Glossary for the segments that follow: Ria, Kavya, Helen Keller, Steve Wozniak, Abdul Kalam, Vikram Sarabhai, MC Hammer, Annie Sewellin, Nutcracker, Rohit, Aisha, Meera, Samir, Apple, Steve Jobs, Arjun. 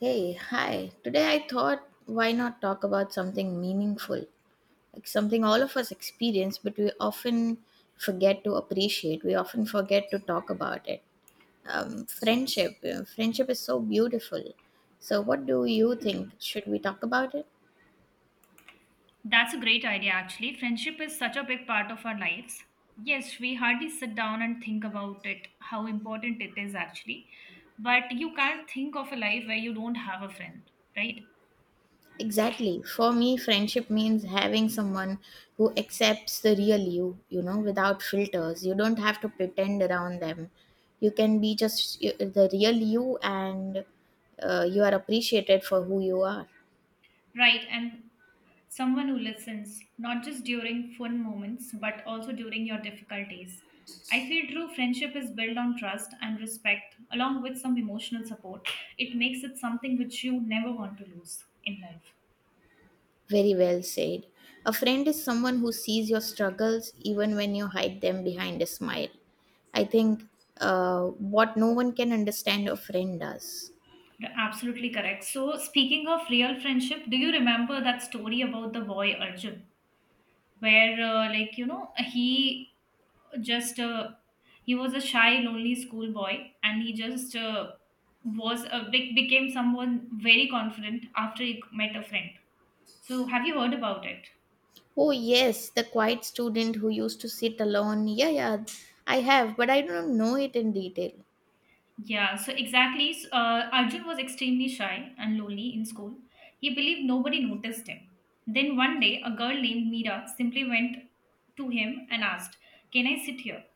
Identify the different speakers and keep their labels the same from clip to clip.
Speaker 1: Hey, hi. Today I thought why not talk about something meaningful, like something all of us experience, but we often forget to appreciate. We often forget to talk about it. Friendship. You Friendship is so beautiful. So, what do you think? Should we talk about it?
Speaker 2: That's a great idea, actually. Friendship is such a big part of our lives. Yes, we hardly sit down and think about it, how important it is, actually. But you can't think of a life where you don't have a friend, right?
Speaker 1: Exactly. For me, friendship means having someone who accepts the real you, you know, without filters. You don't have to pretend around them. You can be just the real you, and you are appreciated for who you are.
Speaker 2: Right, and someone who listens, not just during fun moments, but also during your difficult days. I feel true friendship is built on trust and respect, along with some emotional support. It makes it something which you never want to lose in life.
Speaker 1: Very well said. A friend is someone who sees your struggles even when you hide them behind a smile. I think what no one can understand, a friend does.
Speaker 2: Absolutely correct. So, speaking of real friendship, do you remember that story about the boy Arjun, where like just uh, he was a shy, lonely schoolboy, and he just was a big became someone very confident after he met a friend. So, have you heard about it?
Speaker 1: Oh yes, the quiet student who used to sit alone. Yeah, yeah, I have, but I don't know it in detail.
Speaker 2: Yeah, so exactly. Arjun was extremely shy and lonely in school. He believed nobody noticed him. Then one day, a girl named Meera simply went to him and asked, "Can I sit here?"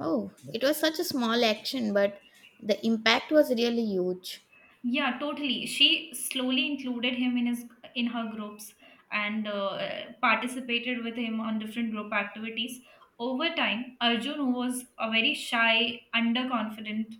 Speaker 1: Oh, it was such a small action, but the impact was really huge.
Speaker 2: Yeah, totally. She slowly included him in her groups and participated with him on different group activities. Over time, Arjun, who was a very shy, underconfident,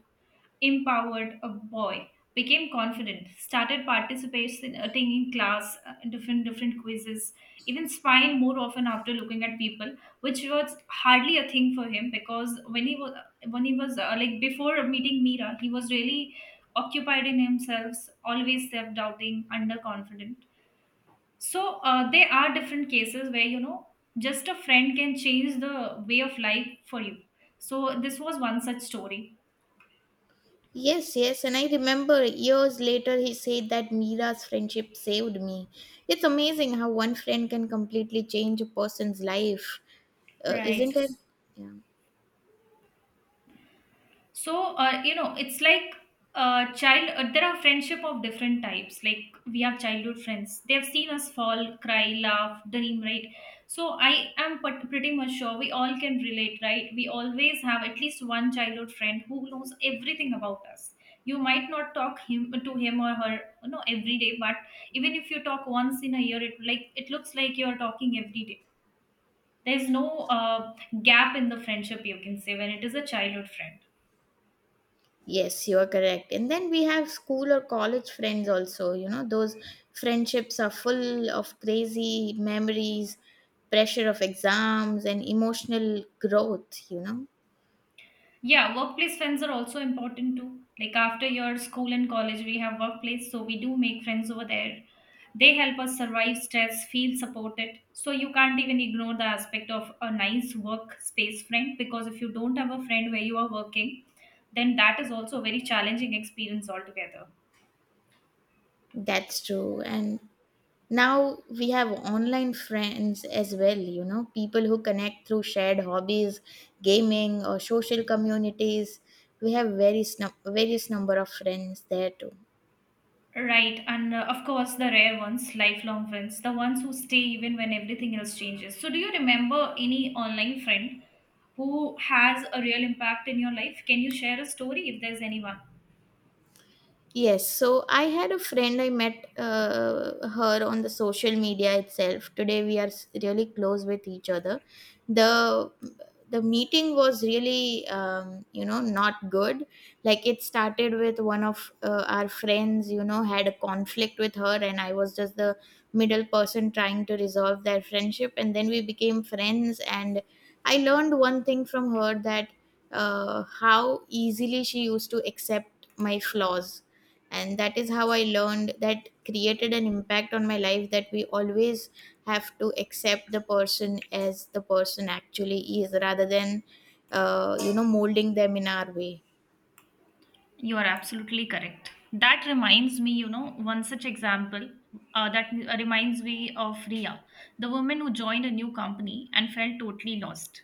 Speaker 2: empowered a boy, became confident, started participating in class, different quizzes, even spying more often after looking at people, which was hardly a thing for him because when he was like before meeting Mira, he was really occupied in himself, always self-doubting, underconfident. So there are different cases where just a friend can change the way of life for you. So this was one such story,
Speaker 1: Yes, yes, and I remember years later he said that Mira's friendship saved me. It's amazing how one friend can completely change a person's life,
Speaker 2: right?
Speaker 1: isn't it? Yeah.
Speaker 2: So it's like child there are friendship of different types. Like, we have childhood friends, they have seen us fall, cry, laugh, dream, right? So I am pretty much sure we all can relate, right? We always have at least one childhood friend who knows everything about us. You might not talk him to him or her every day, but even if you talk once in a year, it looks like you are talking every day. There's no gap in the friendship, you can say, when it is a childhood friend.
Speaker 1: Yes, you are correct. And then we have school or college friends also, you know, those friendships are full of crazy memories, pressure of exams, and emotional growth, you know.
Speaker 2: Yeah, workplace friends are also important too. Like after your school and college, we have workplace, so we do make friends over there. They help us survive stress, feel supported. So you can't even ignore the aspect of a nice workspace friend because if you don't have a friend where you are working, then that is also a very challenging experience altogether.
Speaker 1: That's true. And now we have online friends as well, you know, people who connect through shared hobbies, gaming, or social communities. We have various number of friends there too.
Speaker 2: Right, and of course, the rare ones, lifelong friends, the ones who stay even when everything else changes. So, do you remember any online friend who has a real impact in your life? Can you share a story if there's anyone?
Speaker 1: Yes, so I had a friend I met her on the social media itself. Today we are really close with each other. The the meeting was really you know not good. Like it started with one of our friends, you know, had a conflict with her, and I was just the middle person trying to resolve their friendship, and then we became friends. And I learned one thing from her, that how easily she used to accept my flaws. And that is how I learned, that created an impact on my life, that we always have to accept the person as the person actually is, rather than you know molding them in our way.
Speaker 2: You are absolutely correct. That reminds me, one such example that reminds me of Ria, the woman who joined a new company and felt totally lost.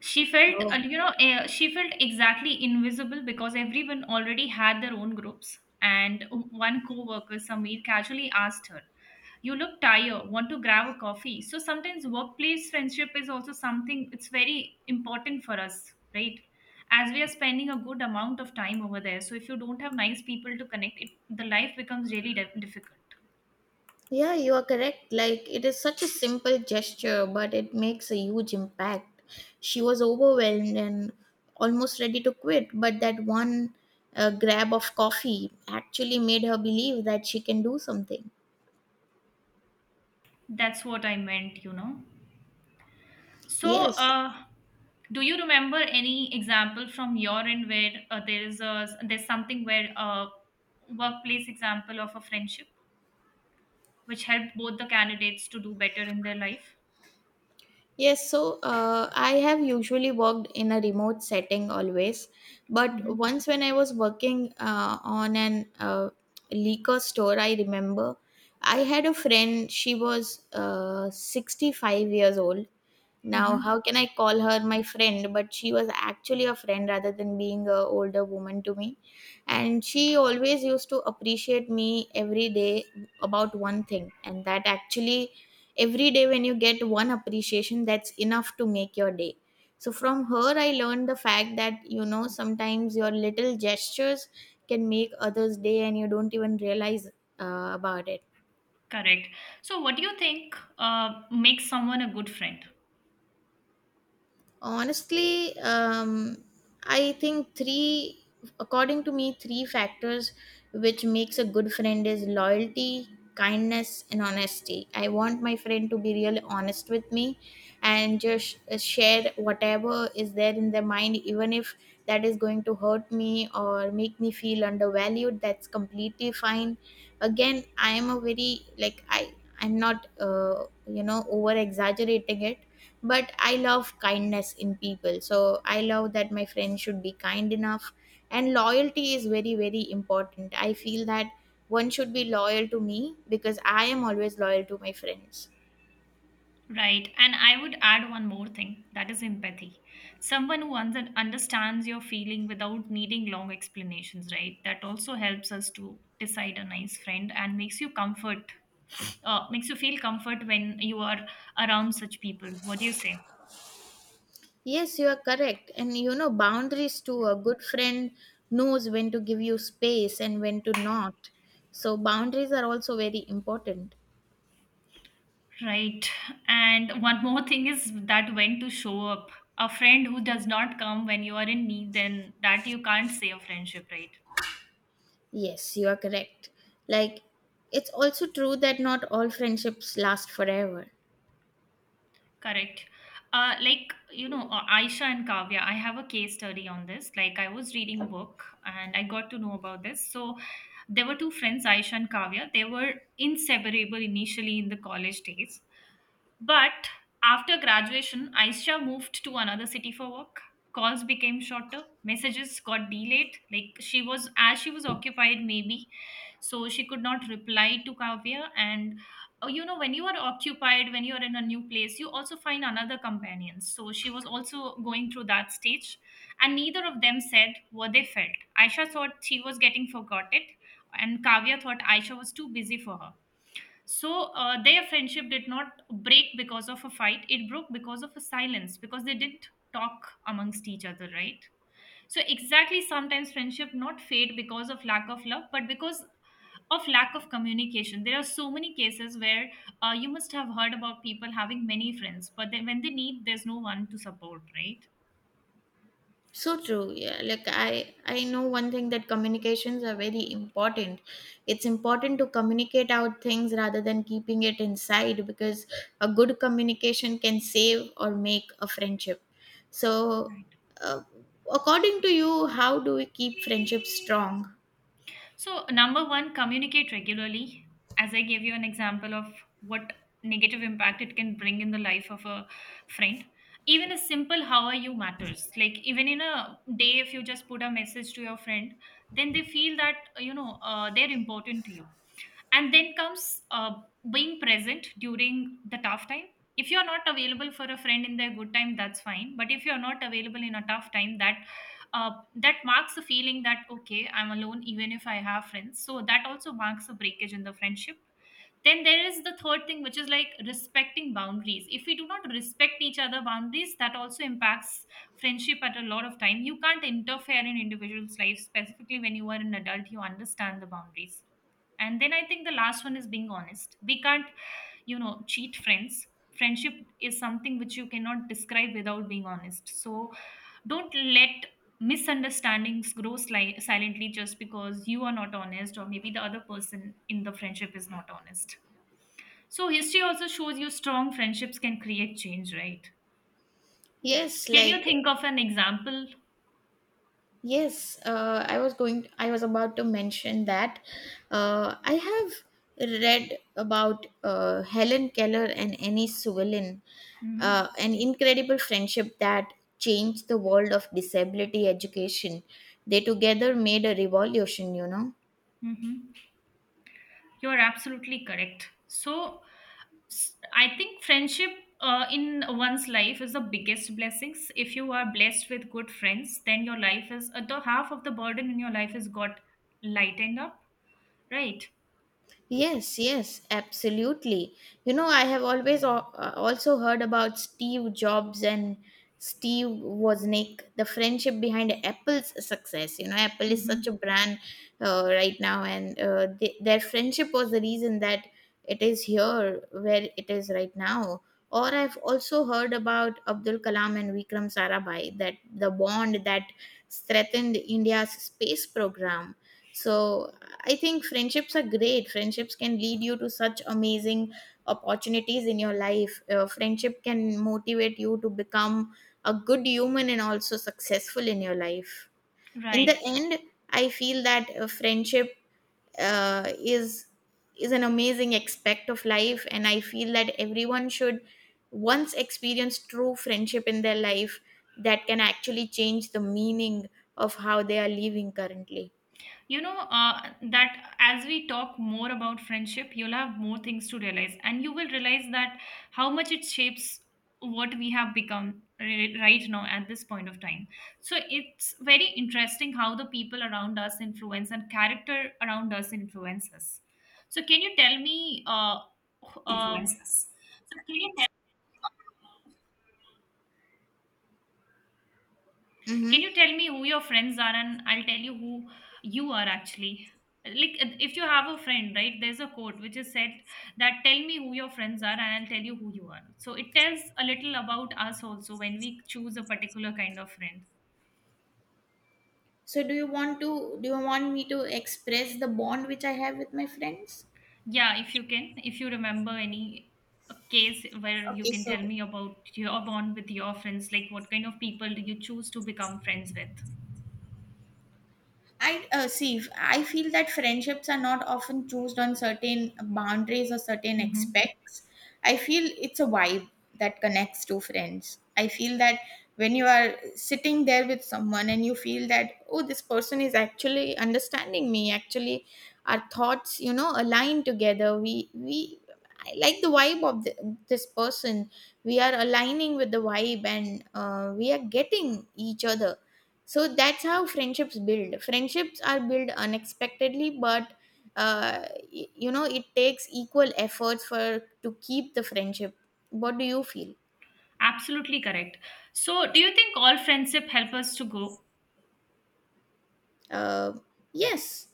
Speaker 2: She felt
Speaker 1: Oh.
Speaker 2: you know eh, she felt exactly invisible because everyone already had their own groups, and one co-worker Samir casually asked her, "You look tired, want to grab a coffee?" So sometimes workplace friendship is also something, it's very important for us, right? As we are spending a good amount of time over there, so if you don't have nice people to connect it, the life becomes really difficult.
Speaker 1: Yeah, you are correct. Like it is such a simple gesture, but it makes a huge impact. She was overwhelmed and almost ready to quit, but that one grab of coffee actually made her believe that she can do something.
Speaker 2: That's what I meant. So,
Speaker 1: Yes.
Speaker 2: do you remember any example from your end where there's something where a workplace example of a friendship which helped both the candidates to do better in their life?
Speaker 1: Yes, so I have usually worked in a remote setting always, but
Speaker 2: Hmm.
Speaker 1: once when I was working on an liquor store, I remember I had a friend. She was 65 years old, now,
Speaker 2: Hmm.
Speaker 1: how can I call her my friend? But she was actually a friend rather than being a older woman to me. And she always used to appreciate me every day about one thing. And that actually, every day when you get one appreciation, that's enough to make your day. So, from her, I learned the fact that, you know, sometimes your little gestures can make others' day and you don't even realize about it.
Speaker 2: Correct. So, what do you think makes someone a good friend?
Speaker 1: Honestly, I think three according to me, three factors which makes a good friend is loyalty, kindness, and honesty. I want my friend to be really honest with me and just share whatever is there in their mind. Even if that is going to hurt me or make me feel undervalued, that's completely fine. Again, I am a very like I I'm not you know over exaggerating it, but I love kindness in people, so I love that my friend should be kind enough. And loyalty is very very important, I feel that. One should be loyal to me because I am always loyal to my friends.
Speaker 2: Right. And I would add one more thing that is empathy. Someone who understands your feeling without needing long explanations, right? That also helps us to decide a nice friend and makes you feel comfort when you are around such people. What do you say?
Speaker 1: Yes, you are correct. And you know, boundaries too. A good friend knows when to give you space and when to not. So boundaries are also very important.
Speaker 2: Right. And one more thing is that when to show up. A friend who does not come when you are in need, then that you can't say a friendship, right?
Speaker 1: Yes, you are correct. Like, it's also true that not all friendships last forever.
Speaker 2: Correct. Like, Aisha and Kavya, I have a case study on this. Like, I was reading a book and I got to know about this. So, there were two friends, Aisha and Kavya. They were inseparable initially in the college days. But after graduation, Aisha moved to another city for work. Calls became shorter, messages got delayed. Like as she was occupied, maybe, so she could not reply to Kavya. And when you are occupied, when you are in a new place, you also find another companion. So she was also going through that stage, and neither of them said what they felt. Aisha thought she was getting forgotten, and Kavya thought Aisha was too busy for her. So their friendship did not break because of a fight. It broke because of a silence, because they didn't talk amongst each other, right? So exactly, sometimes friendship not fade because of lack of love, but because of lack of communication. There are so many cases where you must have heard about people having many friends, but then when they need, there's no one to support, right?
Speaker 1: So true. Yeah. Like I know one thing, that communications are very important. It's important to communicate out things rather than keeping it inside, because a good communication can save or make a friendship. So
Speaker 2: Right.
Speaker 1: uh, according to you, how do we keep friendships strong?
Speaker 2: So, number one, communicate regularly. As I gave you an example of what negative impact it can bring in the life of a friend. Even a simple how are you matters. Like, even in a day, if you just put a message to your friend, then they feel that, they're important to you, and then comes being present during the tough time. If you're not available for a friend in their good time, that's fine, but if you're not available in a tough time, that marks the feeling that okay, I'm alone even if I have friends. So that also marks a breakage in the friendship. Then there is the third thing, which is like respecting boundaries. If we do not respect each other boundaries, that also impacts friendship at a lot of time. You can't interfere in individuals life, specifically when you are an adult, you understand the boundaries. And then I think the last one is being honest. We can't cheat friends. Friendship is something which you cannot describe without being honest. So don't let misunderstandings grow silently just because you are not honest, or maybe the other person in the friendship is not honest. So history also shows you strong friendships can create change, right?
Speaker 1: Yes,
Speaker 2: Can
Speaker 1: like
Speaker 2: you think of an example?
Speaker 1: yes, I was going. I was about to mention that I have read about Helen Keller and Annie Sewellin,
Speaker 2: Mm-hmm.
Speaker 1: an incredible friendship that changed the world of disability education. They together made a revolution. You know.
Speaker 2: Mm-hmm. You are absolutely correct. So, I think friendship in one's life is the biggest blessings. If you are blessed with good friends, then your life is the half of the burden in your life is got lightened up, right?
Speaker 1: Yes, yes, absolutely. You know, I have also heard about Steve Jobs and Steve Wozniak, the friendship behind Apple's success. You know, Apple is
Speaker 2: Mm-hmm.
Speaker 1: such a brand right now, and their friendship was the reason that it is here where it is right now. Or I've also heard about Abdul Kalam and Vikram Sarabhai, that the bond that strengthened India's space program. So I think friendships are great. Friendships can lead you to such amazing opportunities in your life. Friendship can motivate you to become a good human and also successful in your life. In the
Speaker 2: Right.
Speaker 1: end, I feel that friendship uh, is is an amazing aspect of life, and I feel that everyone should once experience true friendship in their life, that can actually change the meaning of how they are living currently.
Speaker 2: You know that as we talk more about friendship, you'll have more things to realize, and you will realize that how much it shapes what we have become right now at this point of time. So it's very interesting how the people around us influence and character around us influences. So can you tell me uh, Can
Speaker 1: Mm-hmm.
Speaker 2: you tell me who your friends are, and I'll tell you who you are actually. Like, if you have a friend, right? There's a quote which is said that tell me who your friends are, and I'll tell you who you are. So it tells a little about us also when we choose a particular kind of friend.
Speaker 1: So do you want me to express the bond which I have with my friends?
Speaker 2: Yeah, if you remember any case where you
Speaker 1: Okay,
Speaker 2: can
Speaker 1: so
Speaker 2: tell me about your bond with your friends, like what kind of people do you choose to become friends with?
Speaker 1: I feel that friendships are not often chosen on certain boundaries or certain
Speaker 2: Hmm.
Speaker 1: aspects. I feel it's a vibe that connects two friends. I feel that when you are sitting there with someone and you feel that, oh, this person is actually understanding me. Actually, our thoughts, you know, align together. We, I like the vibe of this person. We are aligning with the vibe, and we are getting each other. So that's how friendships are built, unexpectedly. But uh, you know, it takes equal efforts for to keep the friendship. What do you feel?
Speaker 2: Absolutely correct. So, do you think all friendship help us to grow?
Speaker 1: uh, yes,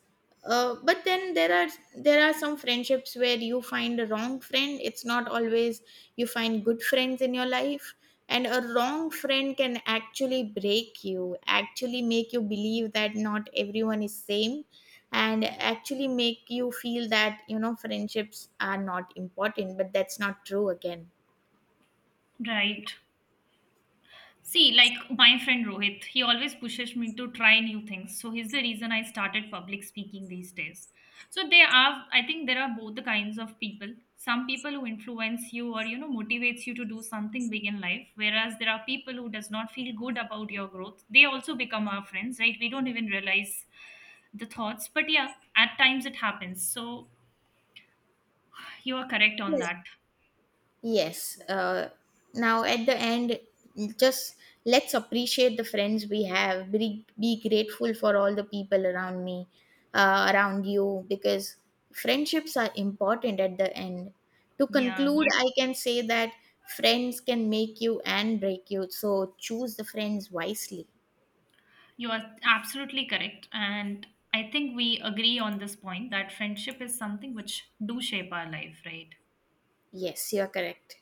Speaker 1: but then there are some friendships where you find a wrong friend. It's not always you find good friends in your life, and a wrong friend can actually break you, actually make you believe that not everyone is same, and actually make you feel that, you know, friendships are not important. But that's not true again.
Speaker 2: Right. See, like my friend Rohit, he always pushes me to try new things. So he's the reason I started public speaking these days. So I think there are both the kinds of people. Some people who influence you, or motivates you to do something big in life, whereas there are people who does not feel good about your growth. They also become our friends, right? We don't even realize the thoughts, but yeah, at times it happens. So you are correct on that.
Speaker 1: Yes. Now at the end, just let's appreciate the friends we have. Be grateful for all the people around me, around you, because friendships are important at the end. To
Speaker 2: Yeah.
Speaker 1: conclude, yeah, I can say that friends can make you and break you. So choose the friends wisely.
Speaker 2: You are absolutely correct. And I think we agree on this point that friendship is something which do shape our life, right?
Speaker 1: Yes, you're correct.